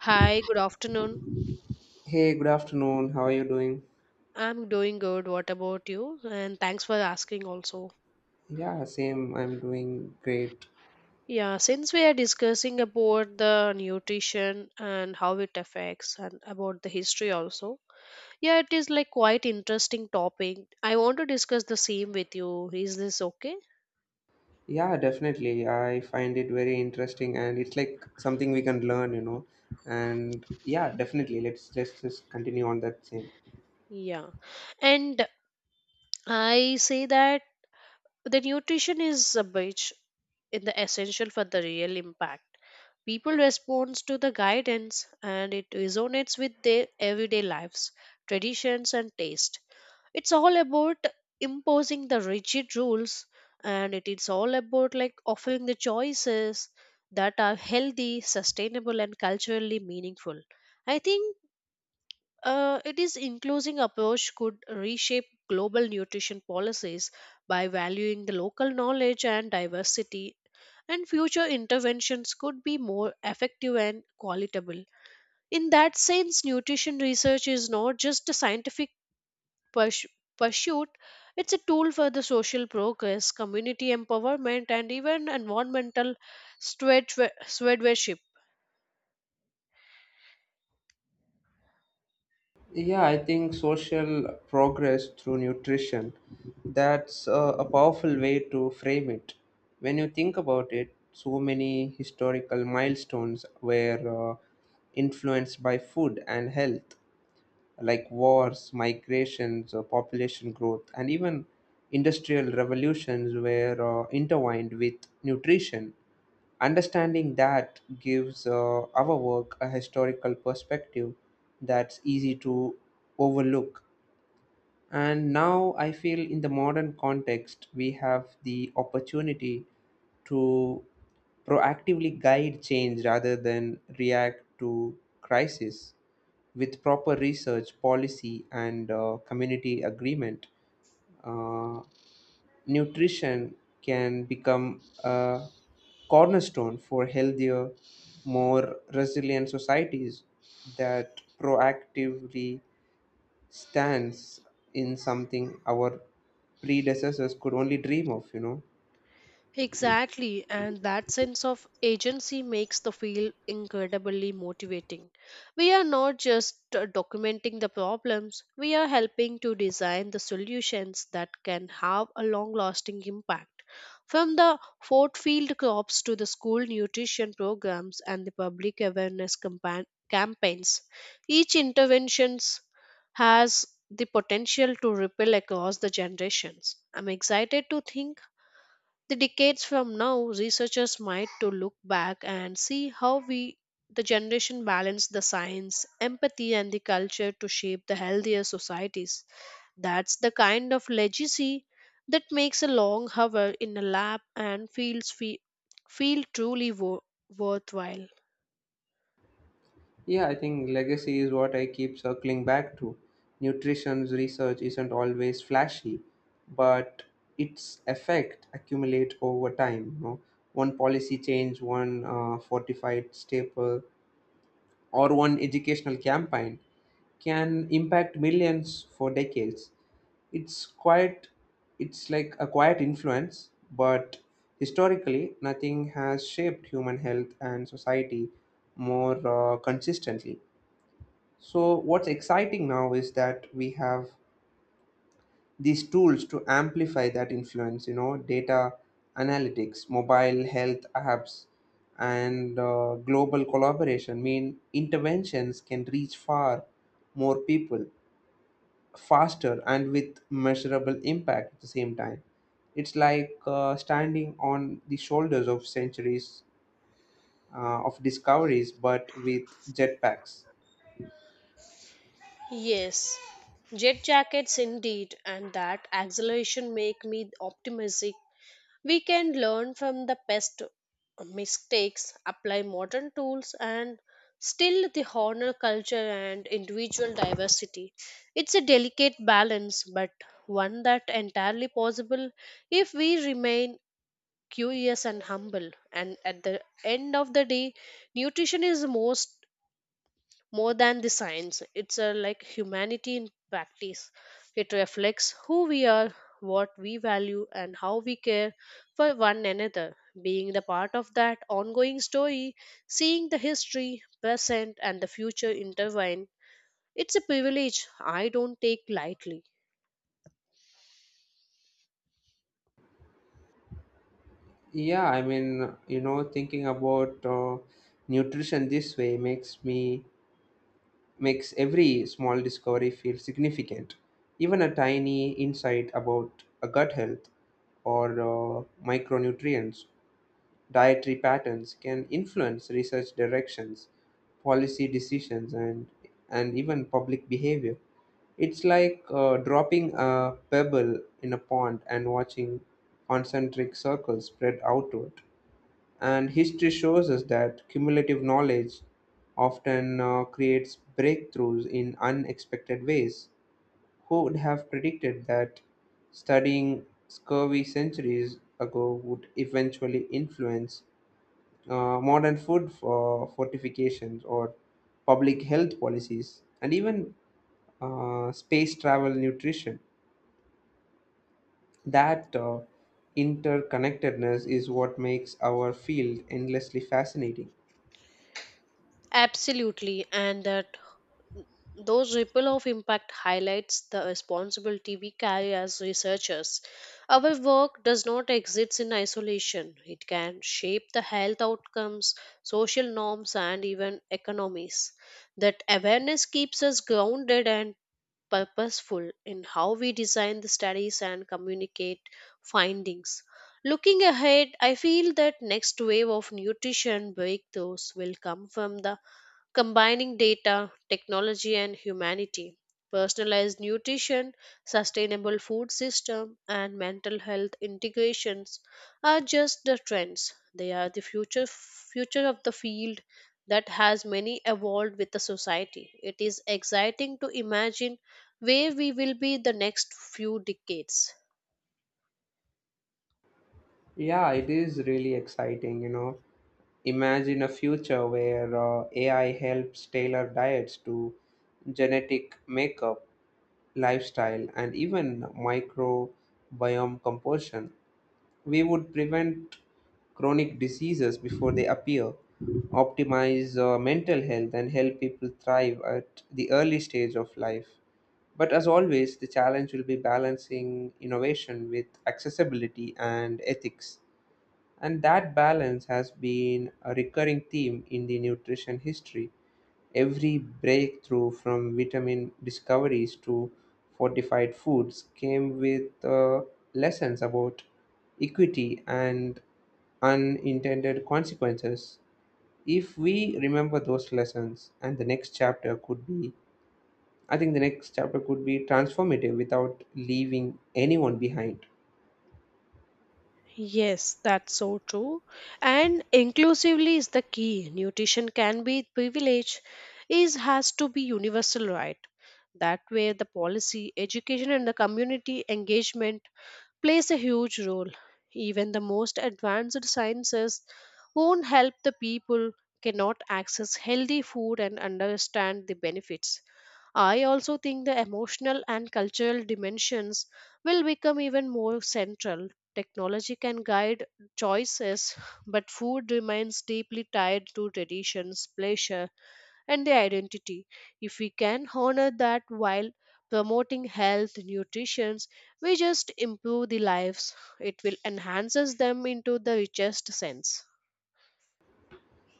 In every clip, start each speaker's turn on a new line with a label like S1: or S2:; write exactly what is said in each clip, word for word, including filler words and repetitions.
S1: Hi, good afternoon.
S2: Hey, good afternoon. How are you doing?
S1: I'm doing good. What about you? And thanks for asking also.
S2: Yeah, same. I'm doing great.
S1: Yeah, since we are discussing about the nutrition and how it affects and about the history also. Yeah, it is like quite interesting topic. I want to discuss the same with you. Is this okay?
S2: Yeah, definitely. I find it very interesting and it's like something we can learn, you know. And yeah, definitely. Let's just, just continue on that same.
S1: Yeah. And I say that the nutrition is a bridge in the essential for the real impact. People respond to the guidance and it resonates with their everyday lives, traditions, and taste. It's all about imposing the rigid rules and it is all about like offering the choices that are healthy, sustainable, and culturally meaningful. I think uh, it is inclusive approach could reshape global nutrition policies by valuing the local knowledge and diversity, and future interventions could be more effective and qualitable. In that sense, nutrition research is not just a scientific purs- pursuit, it's a tool for the social progress, community empowerment, and even environmental steward- stewardship.
S2: Yeah, I think social progress through nutrition. That's a, a powerful way to frame it. When you think about it, so many historical milestones were uh, influenced by food and health like wars, migrations, uh, population growth, and even industrial revolutions were uh, intertwined with nutrition. Understanding that gives uh, our work a historical perspective that's easy to overlook. And now I feel in the modern context, we have the opportunity to proactively guide change rather than react to crisis with proper research, policy, and uh, community agreement, uh, nutrition can become a cornerstone for healthier, more resilient societies that proactively stands in something our predecessors could only dream of, you know.
S1: Exactly, and that sense of agency makes the field incredibly motivating. We are not just uh, documenting the problems, we are helping to design the solutions that can have a long lasting impact. From the Fort Field crops to the school nutrition programs and the public awareness campa- campaigns, each interventions has the potential to ripple across the generations. I'm excited to think the decades from now researchers might to look back and see how we, the generation, balance the science, empathy, and the culture to shape the healthier societies. That's the kind of legacy that makes a long hour in a lab and feels fe- feel truly wo- worthwhile.
S2: Yeah, I think legacy is what I keep circling back to. Nutrition's research isn't always flashy, but its effect accumulate over time. You know, one policy change, one uh, fortified staple, or one educational campaign can impact millions for decades. It's quite, it's like a quiet influence, but historically, nothing has shaped human health and society more uh, consistently. So, what's exciting now is that we have these tools to amplify that influence, you know, data analytics, mobile health apps, and uh, global collaboration mean interventions can reach far more people faster and with measurable impact at the same time. It's like uh, standing on the shoulders of centuries uh, of discoveries, but with jetpacks.
S1: Yes, jet jackets indeed, and that acceleration make me optimistic. We can learn from the past mistakes, apply modern tools, and still the honor culture and individual diversity. It's a delicate balance, but one that entirely possible if we remain curious and humble. And at the end of the day, nutrition is most more than the science. It's a like humanity in practice. It reflects who we are, what we value, and how we care for one another. Being the part of that ongoing story, seeing the history, present, and the future intertwine, it's a privilege I don't take lightly.
S2: Yeah, I mean, you know, thinking about uh, nutrition this way makes me makes every small discovery feel significant. Even a tiny insight about a gut health or uh, micronutrients, dietary patterns can influence research directions, policy decisions, and and even public behavior. It's like uh, dropping a pebble in a pond and watching concentric circles spread outward. And history shows us that cumulative knowledge often uh, creates breakthroughs in unexpected ways. Who would have predicted that studying scurvy centuries ago would eventually influence uh, modern food for fortifications or public health policies and even uh, space travel nutrition? That uh, interconnectedness is what makes our field endlessly fascinating.
S1: Absolutely, and that. Those ripple of impact highlights the responsibility we carry as researchers. Our work does not exist in isolation. It can shape the health outcomes, social norms, and even economies. That awareness keeps us grounded and purposeful in how we design the studies and communicate findings. Looking ahead, I feel that next wave of nutrition breakthroughs will come from the combining data, technology, and humanity. Personalized nutrition, sustainable food system, and mental health integrations are just the trends. They are the future future of the field that has many evolved with the society. It is exciting to imagine where we will be the next few decades.
S2: Yeah, it is really exciting, you know. Imagine a future where uh, A I helps tailor diets to genetic makeup, lifestyle, and even microbiome composition. We would prevent chronic diseases before they appear, optimize uh, mental health, and help people thrive at the early stage of life. But as always, the challenge will be balancing innovation with accessibility and ethics. And that balance has been a recurring theme in the nutrition history. Every breakthrough from vitamin discoveries to fortified foods came with uh, lessons about equity and unintended consequences. If we remember those lessons, and the next chapter could be, I think the next chapter could be transformative without leaving anyone behind.
S1: Yes, that's so true. And inclusively is the key. Nutrition can be privilege, is has to be universal right. That way the policy, education, and the community engagement plays a huge role. Even the most advanced sciences won't help the people cannot access healthy food and understand the benefits. I also think the emotional and cultural dimensions will become even more central. Technology can guide choices, but food remains deeply tied to traditions, pleasure, and the identity. If we can honor that while promoting health, nutrition, we just improve the lives. It will enhances them into the richest sense.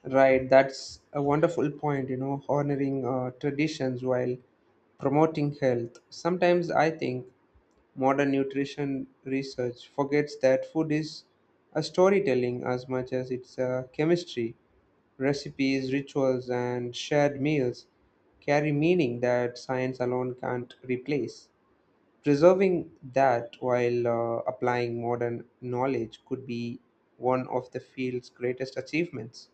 S2: Right, that's a wonderful point, you know, honoring uh, traditions while promoting health. Sometimes I think modern nutrition research forgets that food is a storytelling as much as it's a chemistry. Recipes, rituals, and shared meals carry meaning that science alone can't replace. Preserving that while uh, applying modern knowledge could be one of the field's greatest achievements.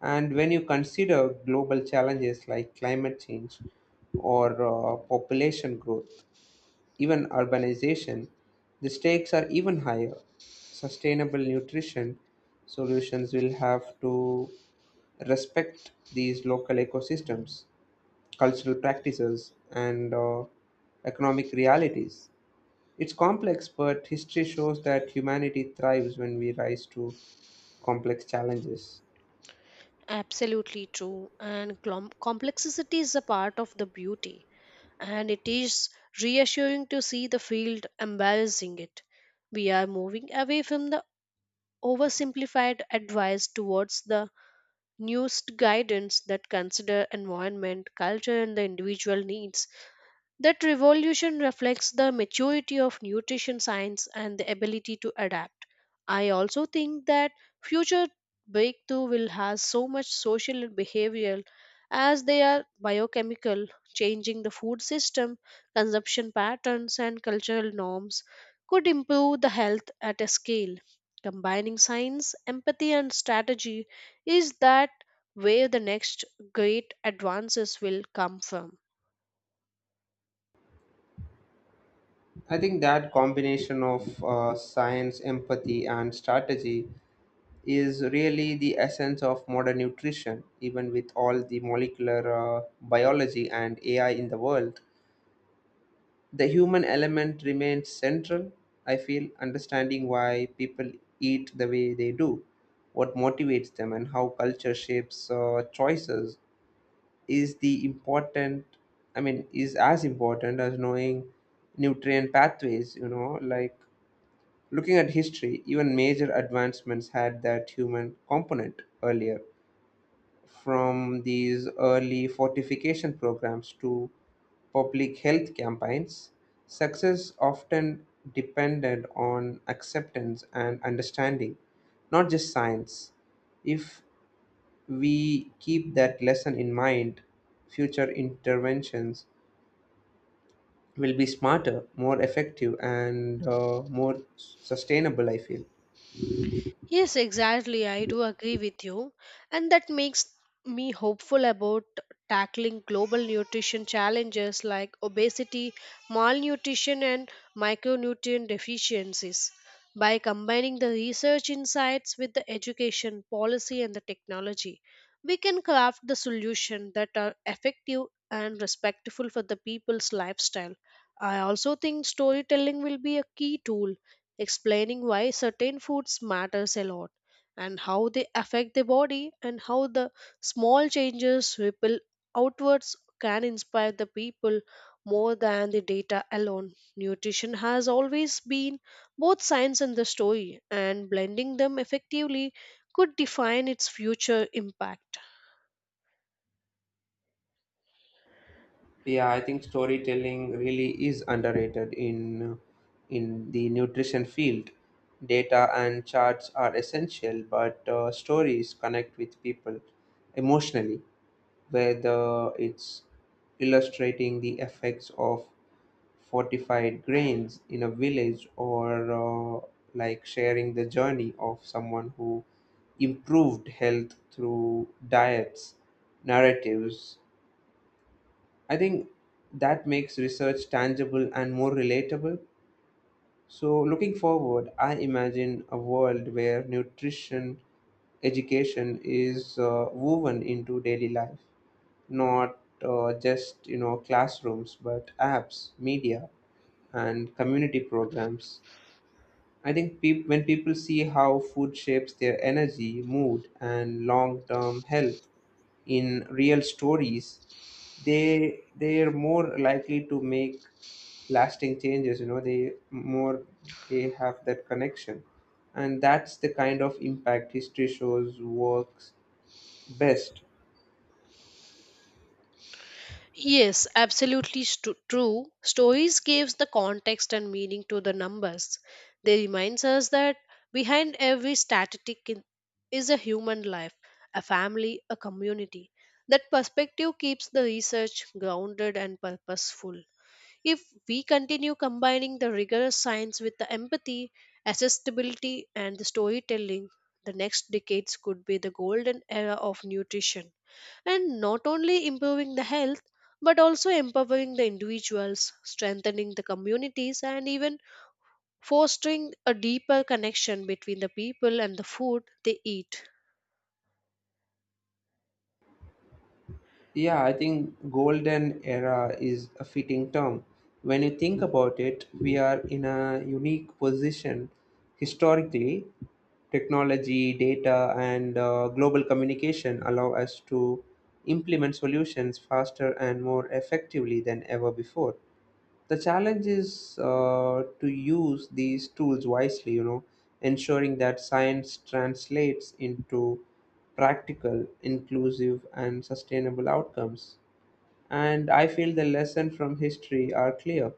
S2: And when you consider global challenges like climate change or uh, population growth, even urbanization, the stakes are even higher. Sustainable nutrition solutions will have to respect these local ecosystems, cultural practices, and uh, economic realities. It's complex, but history shows that humanity thrives when we rise to complex challenges.
S1: Absolutely true, and clom complexity is a part of the beauty, and it is reassuring to see the field embracing it. We are moving away from the oversimplified advice towards the nuanced guidance that consider environment, culture, and the individual needs. That revolution reflects the maturity of nutrition science and the ability to adapt. I also think that future breakthrough will have so much social and behavioral as they are biochemical, changing the food system, consumption patterns, and cultural norms could improve the health at a scale. Combining science, empathy, and strategy is that where the next great advances will come from.
S2: I think that combination of uh, science, empathy, and strategy is really the essence of modern nutrition. Even with all the molecular uh, biology and A I in the world, the human element remains central. I feel understanding why people eat the way they do, what motivates them, and how culture shapes uh, choices is the important. I mean, is as important as knowing nutrient pathways. You know, like Looking at history, even major advancements had that human component earlier, from these early fortification programs to public health campaigns. Success often depended on acceptance and understanding, not just science. If we keep that lesson in mind, future interventions will be smarter, more effective, and uh, more sustainable, I feel.
S1: Yes, exactly. I do agree with you. And that makes me hopeful about tackling global nutrition challenges like obesity, malnutrition, and micronutrient deficiencies. By combining the research insights with the education, policy, and the technology, we can craft the solution that are effective and respectful for the people's lifestyle. I also think storytelling will be a key tool explaining why certain foods matters a lot, and how they affect the body, and how the small changes ripple outwards can inspire the people more than the data alone. Nutrition has always been both science and the story, and blending them effectively could define its future impact.
S2: Yeah, I think storytelling really is underrated in in the nutrition field. Data and charts are essential, but uh, stories connect with people emotionally, whether it's illustrating the effects of fortified grains in a village or uh, like sharing the journey of someone who improved health through diets, narratives, I think that makes research tangible and more relatable. So, looking forward, I imagine a world where nutrition education is uh, woven into daily life, not uh, just you know classrooms, but apps, media, and community programs. I think peop when people see how food shapes their energy, mood, and long-term health, in real stories, they they're more likely to make lasting changes. You know, they more they have that connection, and that's the kind of impact history shows works best.
S1: Yes, absolutely stu- true. Stories gives the context and meaning to the numbers. They reminds us that behind every statistic in- is a human life, a family, a community. That perspective keeps the research grounded and purposeful. If we continue combining the rigorous science with the empathy, accessibility, and the storytelling, the next decades could be the golden era of nutrition. And not only improving the health, but also empowering the individuals, strengthening the communities, and even fostering a deeper connection between the people and the food they eat.
S2: Yeah, I think golden era is a fitting term. When you think about it, we are in a unique position historically. Technology, data, and uh, global communication allow us to implement solutions faster and more effectively than ever before. The challenge is uh, to use these tools wisely, you know, ensuring that science translates into practical, inclusive, and sustainable outcomes. And I feel the lesson from history are clear.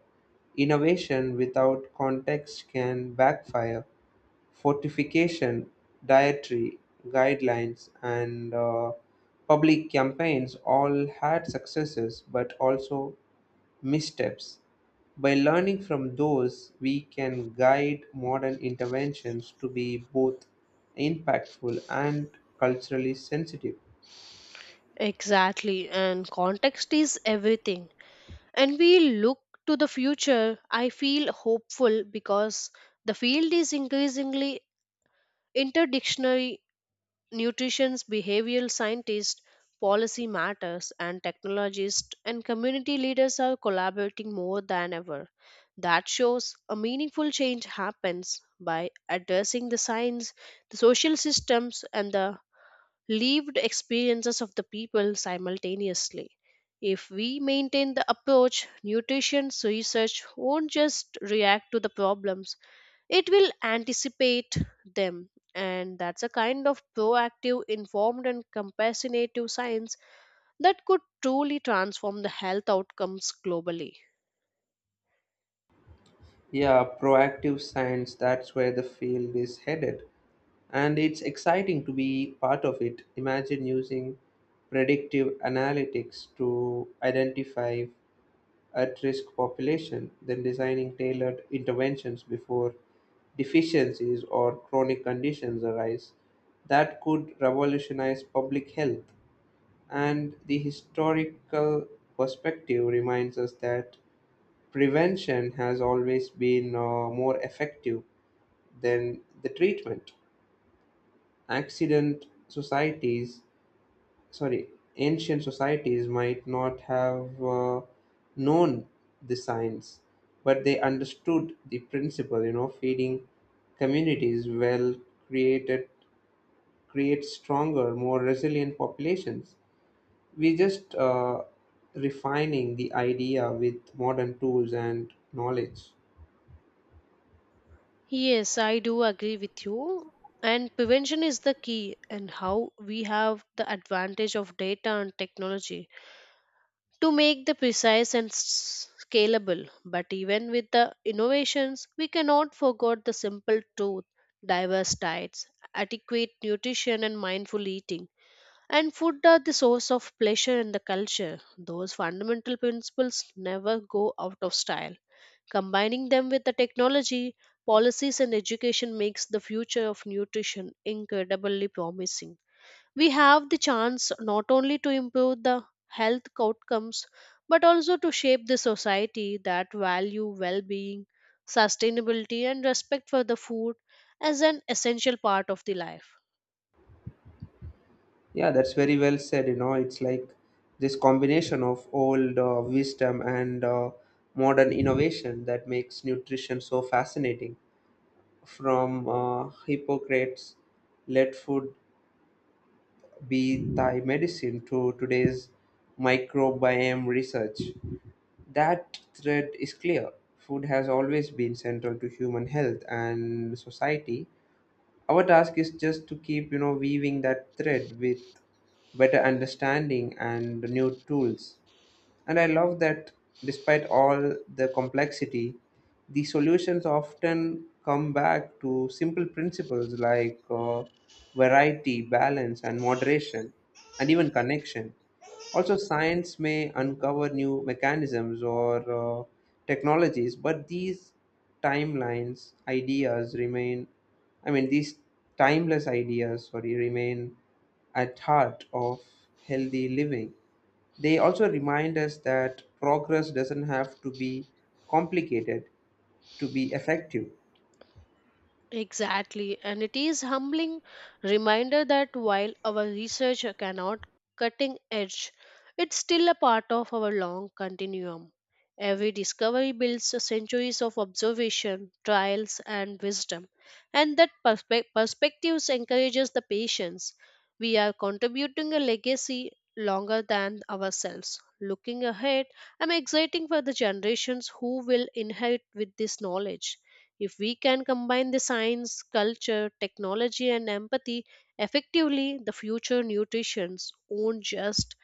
S2: Innovation without context can backfire. Fortification, dietary guidelines, and uh, public campaigns all had successes but also missteps. By learning from those, we can guide modern interventions to be both impactful and culturally sensitive.
S1: Exactly, and context is everything, and we look to the future, I feel hopeful because the field is increasingly interdictionary. Nutrition's behavioral scientists, policy matters, and technologists and community leaders are collaborating more than ever. That shows a meaningful change happens by addressing the science, the social systems, and the lived experiences of the people simultaneously. If we maintain the approach, nutrition research won't just react to the problems, it will anticipate them. And that's a kind of proactive, informed, and compassionate science that could truly transform the health outcomes globally.
S2: Yeah, proactive science, that's where the field is headed. And it's exciting to be part of it. Imagine using predictive analytics to identify at-risk population than designing tailored interventions before deficiencies or chronic conditions arise that could revolutionize public health. And the historical perspective reminds us that prevention has always been uh, more effective than the treatment. Accident societies sorry, Ancient societies might not have uh, known the science, but they understood the principle. You know, feeding communities well created creates stronger, more resilient populations. We just uh, refining the idea with modern tools and knowledge.
S1: Yes, I do agree with you. And prevention is the key, and how we have the advantage of data and technology to make the precise and s- scalable. But even with the innovations, we cannot forget the simple truth: diverse diets, adequate nutrition, and mindful eating. And food are the source of pleasure in the culture. Those fundamental principles never go out of style. Combining them with the technology, policies, and education makes the future of nutrition incredibly promising. We have the chance not only to improve the health outcomes but also to shape the society that value well-being, sustainability, and respect for the food as an essential part of the life.
S2: Yeah, that's very well said. You know, it's like this combination of old uh, wisdom and uh, modern innovation that makes nutrition so fascinating. From uh, Hippocrates, let food be thy medicine, to today's microbiome research. That thread is clear. Food has always been central to human health and society, our task is just to keep, you know, weaving that thread with better understanding and new tools. And I love that despite all the complexity, the solutions often come back to simple principles like uh, variety, balance, and moderation, and even connection. Also, science may uncover new mechanisms or uh, technologies, but these timelines, ideas remain, I mean, these timeless ideas, sorry, remain at heart of healthy living. They also remind us that progress doesn't have to be complicated to be effective.
S1: Exactly, and it is humbling reminder that while our research cannot cutting edge, it's still a part of our long continuum. Every discovery builds centuries of observation, trials, and wisdom, and that perspe- perspectives encourages the patience. We are contributing a legacy longer than ourselves. Looking ahead, I'm exciting for the generations who will inherit with this knowledge. If we can combine the science, culture, technology, and empathy effectively, the future nutrition won't just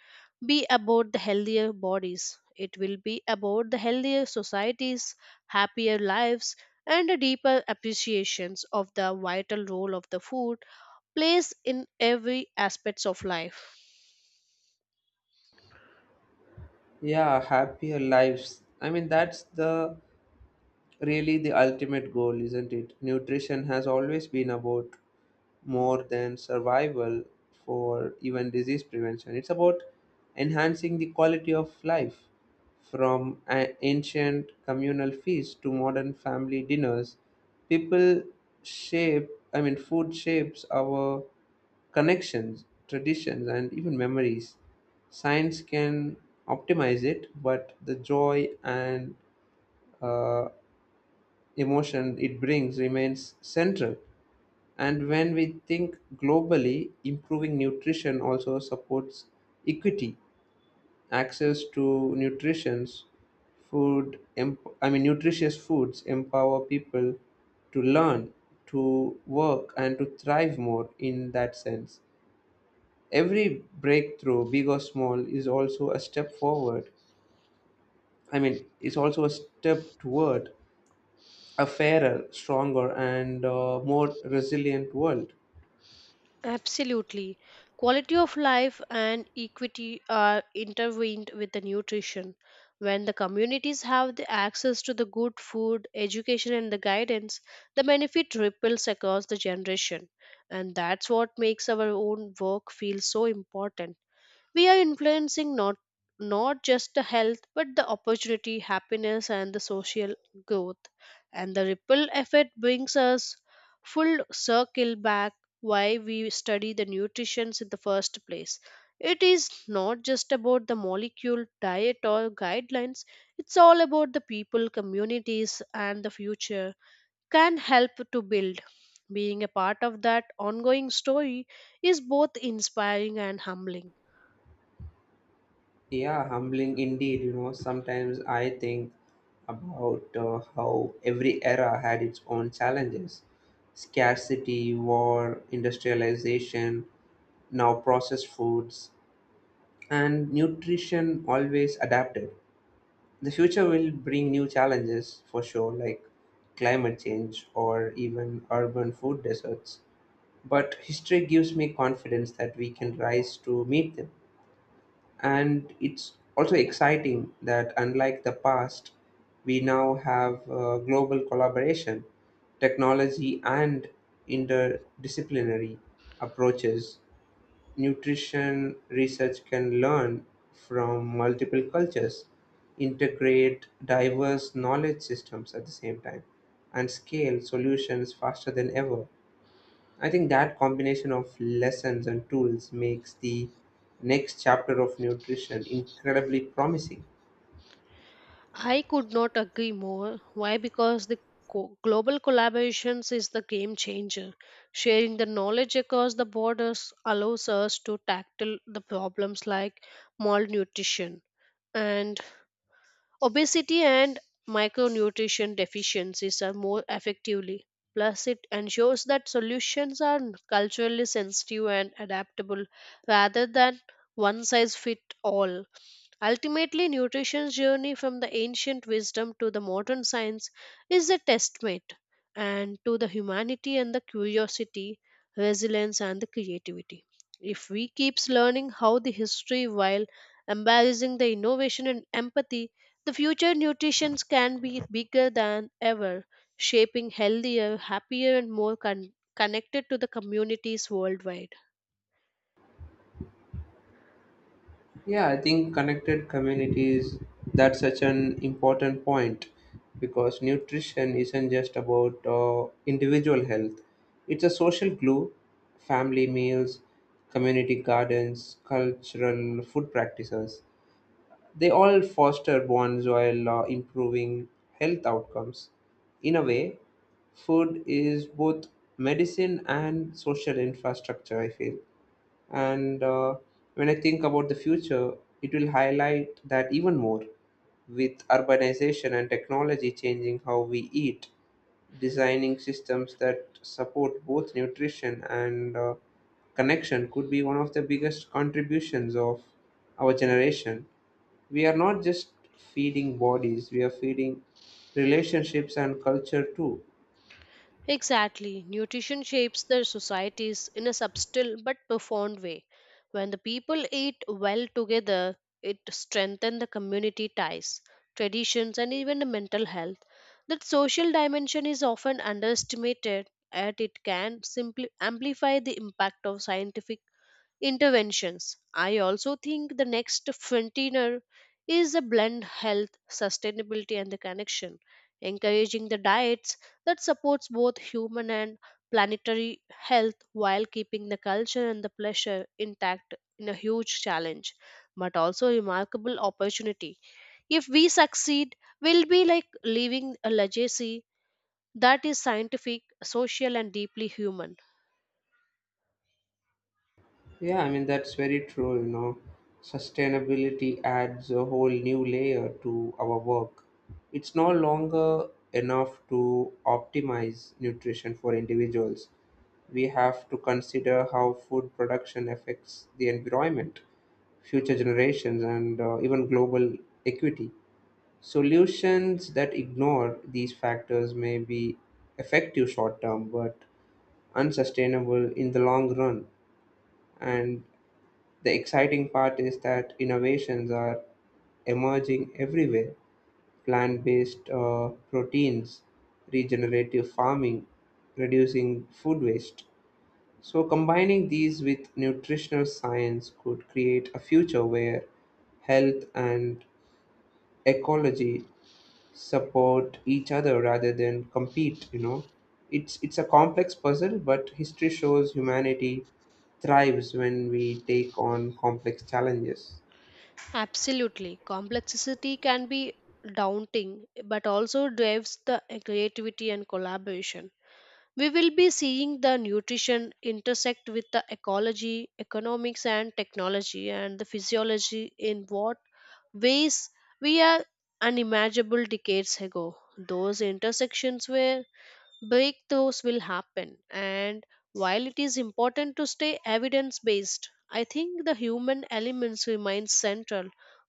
S1: be about the healthier bodies. It will be about the healthier societies, happier lives, and a deeper appreciations of the vital role of the food plays in every aspects of life.
S2: Yeah, happier lives. I mean, that's the really the ultimate goal, isn't it? Nutrition has always been about more than survival for even disease prevention. It's about enhancing the quality of life from a- ancient communal feasts to modern family dinners. People shape, I mean, food shapes our connections, traditions, and even memories. Science can optimize it, but the joy and uh, emotion it brings remains central. And when we think globally, improving nutrition also supports equity, access to nutrition, food, em- I mean nutritious foods empower people to learn, to work and to thrive more in that sense. Every breakthrough, big or small, is also a step forward. I mean, it's also a step toward a fairer, stronger and uh, more resilient world.
S1: Absolutely. Quality of life and equity are intertwined with the nutrition. When the communities have the access to the good food, education, and the guidance, the benefit ripples across the generation. And that's what makes our own work feel so important. We are influencing not not just the health but the opportunity, happiness, and the social growth. And the ripple effect brings us full circle back why we study the nutrition in the first place. It is not just about the molecule diet or guidelines, it's all about the people, communities, and the future can help to build. Being a part of that ongoing story is both inspiring and humbling.
S2: Yeah, humbling indeed. You know, sometimes I think about uh, how every era had its own challenges scarcity, war, industrialization, now processed foods, and nutrition always adapted. The future will bring new challenges for sure, like climate change or even urban food deserts. But history gives me confidence that we can rise to meet them and it's also exciting that unlike the past we now have uh, global collaboration technology and interdisciplinary approaches nutrition research can learn from multiple cultures integrate diverse knowledge systems at the same time and scale solutions faster than ever. I think that combination of lessons and tools makes the next chapter of nutrition incredibly promising.
S1: I could not agree more. Why? Because the co- global collaborations is the game changer. Sharing the knowledge across the borders allows us to tackle the problems like malnutrition and obesity and micronutrition deficiencies are more effectively. Plus, it ensures that solutions are culturally sensitive and adaptable rather than one size fit all. Ultimately, nutrition's journey from the ancient wisdom to the modern science is a testament and to the humanity and the curiosity, resilience, and the creativity. If we keeps learning how the history while embracing the innovation and empathy, the future nutrition can be bigger than ever, shaping healthier, happier, and more con- connected to the communities worldwide.
S2: Yeah, I think connected communities, that's such an important point because nutrition isn't just about uh, individual health, it's a social glue, family meals, community gardens, cultural food practices. They all foster bonds while uh, improving health outcomes. In a way, food is both medicine and social infrastructure, I feel. And uh, when I think about the future, it will highlight that even more with urbanization and technology changing how we eat, designing systems that support both nutrition and uh, connection could be one of the biggest contributions of our generation. We are not just feeding bodies, we are feeding relationships and culture too.
S1: Exactly. Nutrition shapes their societies in a subtle but profound way. When the people eat well together, it strengthens the community ties, traditions, and even the mental health. That social dimension is often underestimated, and it can simply amplify the impact of scientific interventions. I also think the next frontier is a blend health, sustainability, and the connection, encouraging the diets that supports both human and planetary health while keeping the culture and the pleasure intact in a huge challenge, but also remarkable opportunity. If we succeed, we'll be like leaving a legacy that is scientific, social, and deeply human.
S2: Yeah, I mean, that's very true, you know. Sustainability adds a whole new layer to our work. It's no longer enough to optimize nutrition for individuals. We have to consider how food production affects the environment, future generations, and uh, even global equity. Solutions that ignore these factors may be effective short term but unsustainable in the long run. And the exciting part is that innovations are emerging everywhere, plant based uh, proteins, regenerative farming, reducing food waste. So, combining these with nutritional science could create a future where health and ecology support each other rather than compete you know it's it's a complex puzzle, but history shows humanity thrives when we take on complex challenges.
S1: Absolutely. Complexity can be daunting, but also drives the creativity and collaboration. We will be seeing the nutrition intersect with the ecology, economics, and technology, and the physiology in what ways we are unimaginable decades ago. Those intersections were breakthroughs will happen, and while it is important to stay evidence based, I think the human elements remain central.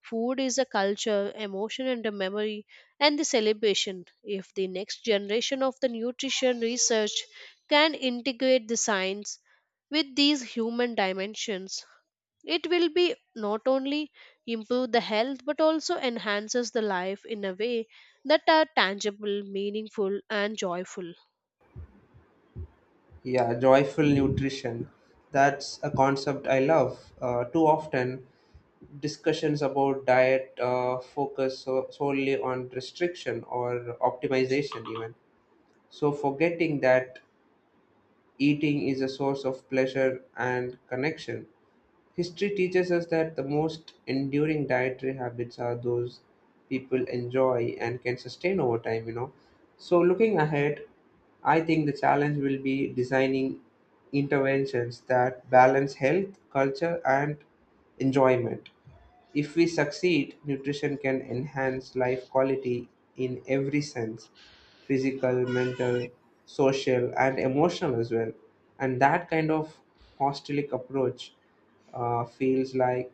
S1: Food is a culture, emotion, and a memory, and the celebration. If the next generation of the nutrition research can integrate the science with these human dimensions, it will be not only improve the health but also enhances the life in a way that are tangible, meaningful, and joyful.
S2: Yeah, joyful nutrition, that's a concept I love. Uh, too often discussions about diet uh, focus so, solely on restriction or optimization, even so forgetting that eating is a source of pleasure and connection. History teaches us that the most enduring dietary habits are those people enjoy and can sustain over time, you know. So, looking ahead, I think the challenge will be designing interventions that balance health, culture, and enjoyment. If we succeed, nutrition can enhance life quality in every sense, physical, mental, social, and emotional as well. And that kind of hostelic approach uh, feels like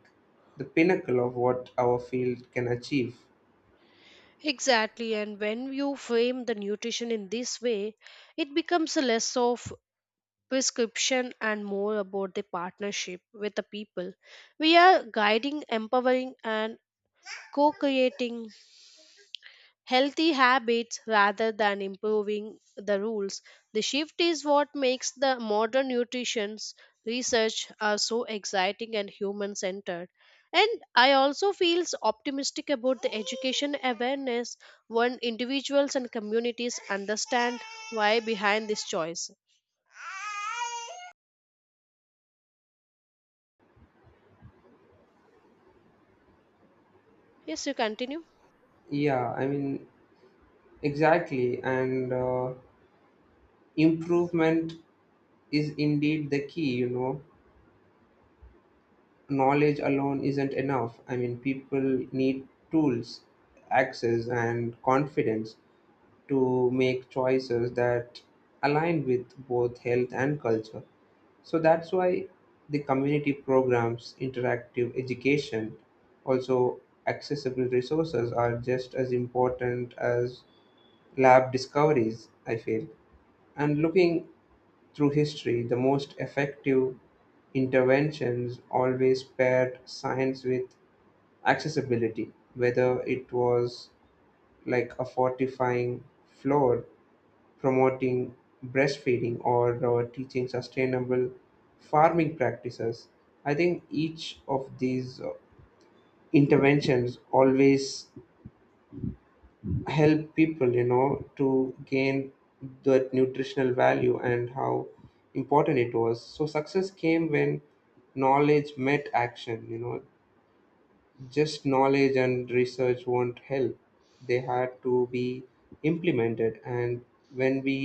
S2: the pinnacle of what our field can achieve.
S1: Exactly, and when you frame the nutrition in this way, it becomes less of prescription and more about the partnership with the people. We are guiding, empowering, and co creating healthy habits rather than improving the rules. The shift is what makes the modern nutrition research are so exciting and human centered. And I also feel optimistic about the education awareness when individuals and communities understand why behind this choice. Yes, you continue.
S2: Yeah, I mean, exactly. And uh, improvement is indeed the key, you know. Knowledge alone isn't enough. I mean, people need tools, access, and confidence to make choices that align with both health and culture. So that's why the community programs, interactive education, also accessible resources are just as important as lab discoveries, I feel. And looking through history, the most effective interventions always paired science with accessibility, whether it was like a fortifying floor, promoting breastfeeding, or uh, teaching sustainable farming practices. I think each of these uh, interventions always help people you know to gain that nutritional value and how important it was. So success came when knowledge met action you know Just knowledge and research won't help, they had to be implemented, and when we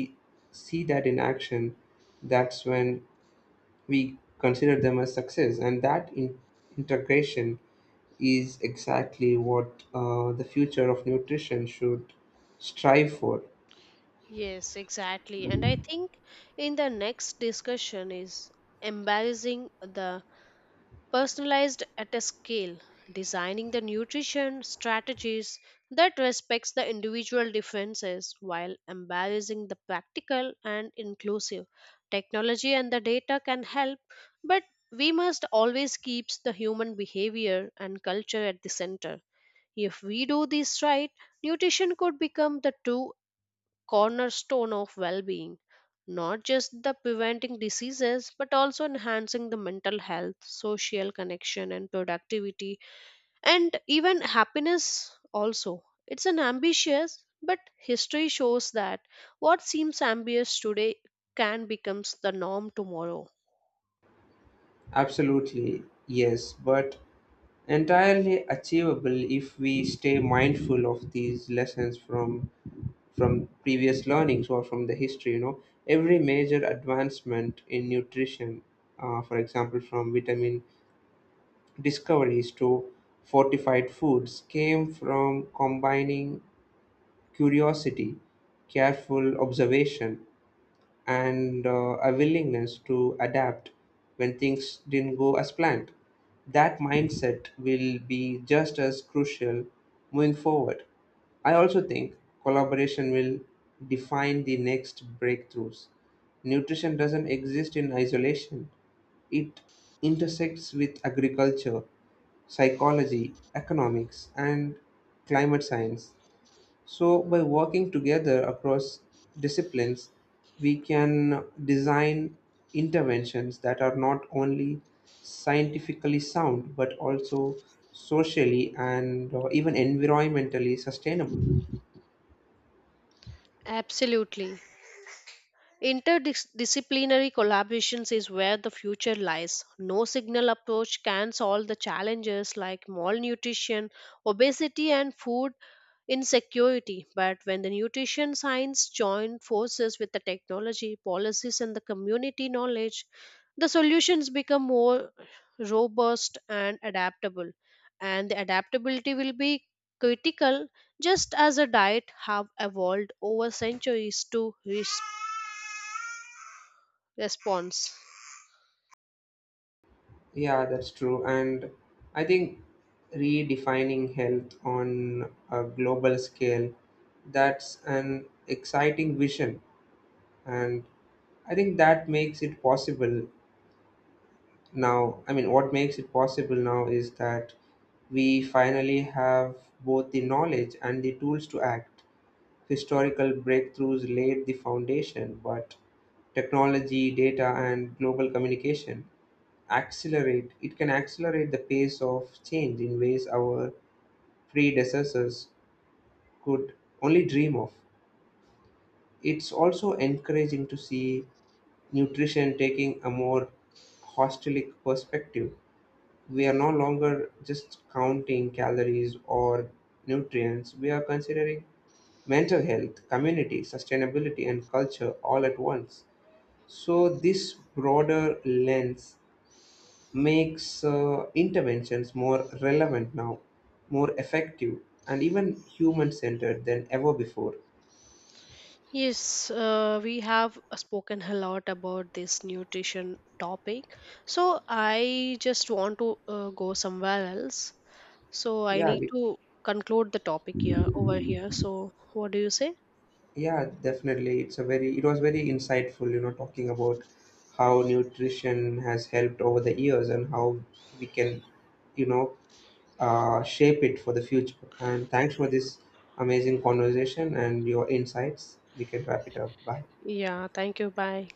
S2: see that in action, that's when we consider them as success. And that in- integration is exactly what uh, the future of nutrition should strive for.
S1: Yes, exactly. And I think in the next discussion is embarrassing the personalized at a scale, designing the nutrition strategies that respects the individual differences while embracing the practical and inclusive. Technology and the data can help, but we must always keep the human behavior and culture at the center. If we do this right, nutrition could become the true cornerstone of well-being, not just the preventing diseases but also enhancing the mental health, social connection, and productivity, and even happiness. Also, it's an ambitious, but history shows that what seems ambitious today can becomes the norm tomorrow.
S2: Absolutely, yes, but entirely achievable if we stay mindful of these lessons from from previous learnings or from the history you know Every major advancement in nutrition, uh, for example, from vitamin discoveries to fortified foods, came from combining curiosity, careful observation, and uh, a willingness to adapt when things didn't go as planned. That mindset will be just as crucial moving forward. I also think collaboration will define the next breakthroughs. Nutrition doesn't exist in isolation, it intersects with agriculture, psychology, economics, and climate science. So, by working together across disciplines, we can design interventions that are not only scientifically sound but also socially and uh, even environmentally sustainable.
S1: Absolutely. Interdisciplinary collaborations is where the future lies. No signal approach can solve the challenges like malnutrition, obesity, and food insecurity. But when the nutrition science join forces with the technology, policies, and the community knowledge, the solutions become more robust and adaptable. And the adaptability will be critical, just as a diet have evolved over centuries to respond response.
S2: Yeah, that's true. And I think redefining health on a global scale, that's an exciting vision, and I think that makes it possible. Now, I mean, what makes it possible now is that we finally have both the knowledge and the tools to act. Historical breakthroughs laid the foundation, but technology, data, and global communication accelerate it can accelerate the pace of change in ways our predecessors could only dream of. It's also encouraging to see nutrition taking a more holistic perspective, we are no longer just counting calories or nutrients, we are considering mental health, community, sustainability, and culture all at once. So, this broader lens makes uh, interventions more relevant now, more effective, and even human centered than ever before.
S1: Yes, uh, we have uh, spoken a lot about this nutrition topic, so I just want to uh, go somewhere else, so I
S2: Yeah,
S1: need
S2: we—
S1: to conclude the topic here over here. So what do you say?
S2: Yeah, definitely. It's a very it was very insightful, you know, talking about how nutrition has helped over the years and how we can, you know, uh, shape it for the future. And thanks for this amazing conversation and your insights. We can wrap it up. Bye.
S1: Yeah, thank you, bye.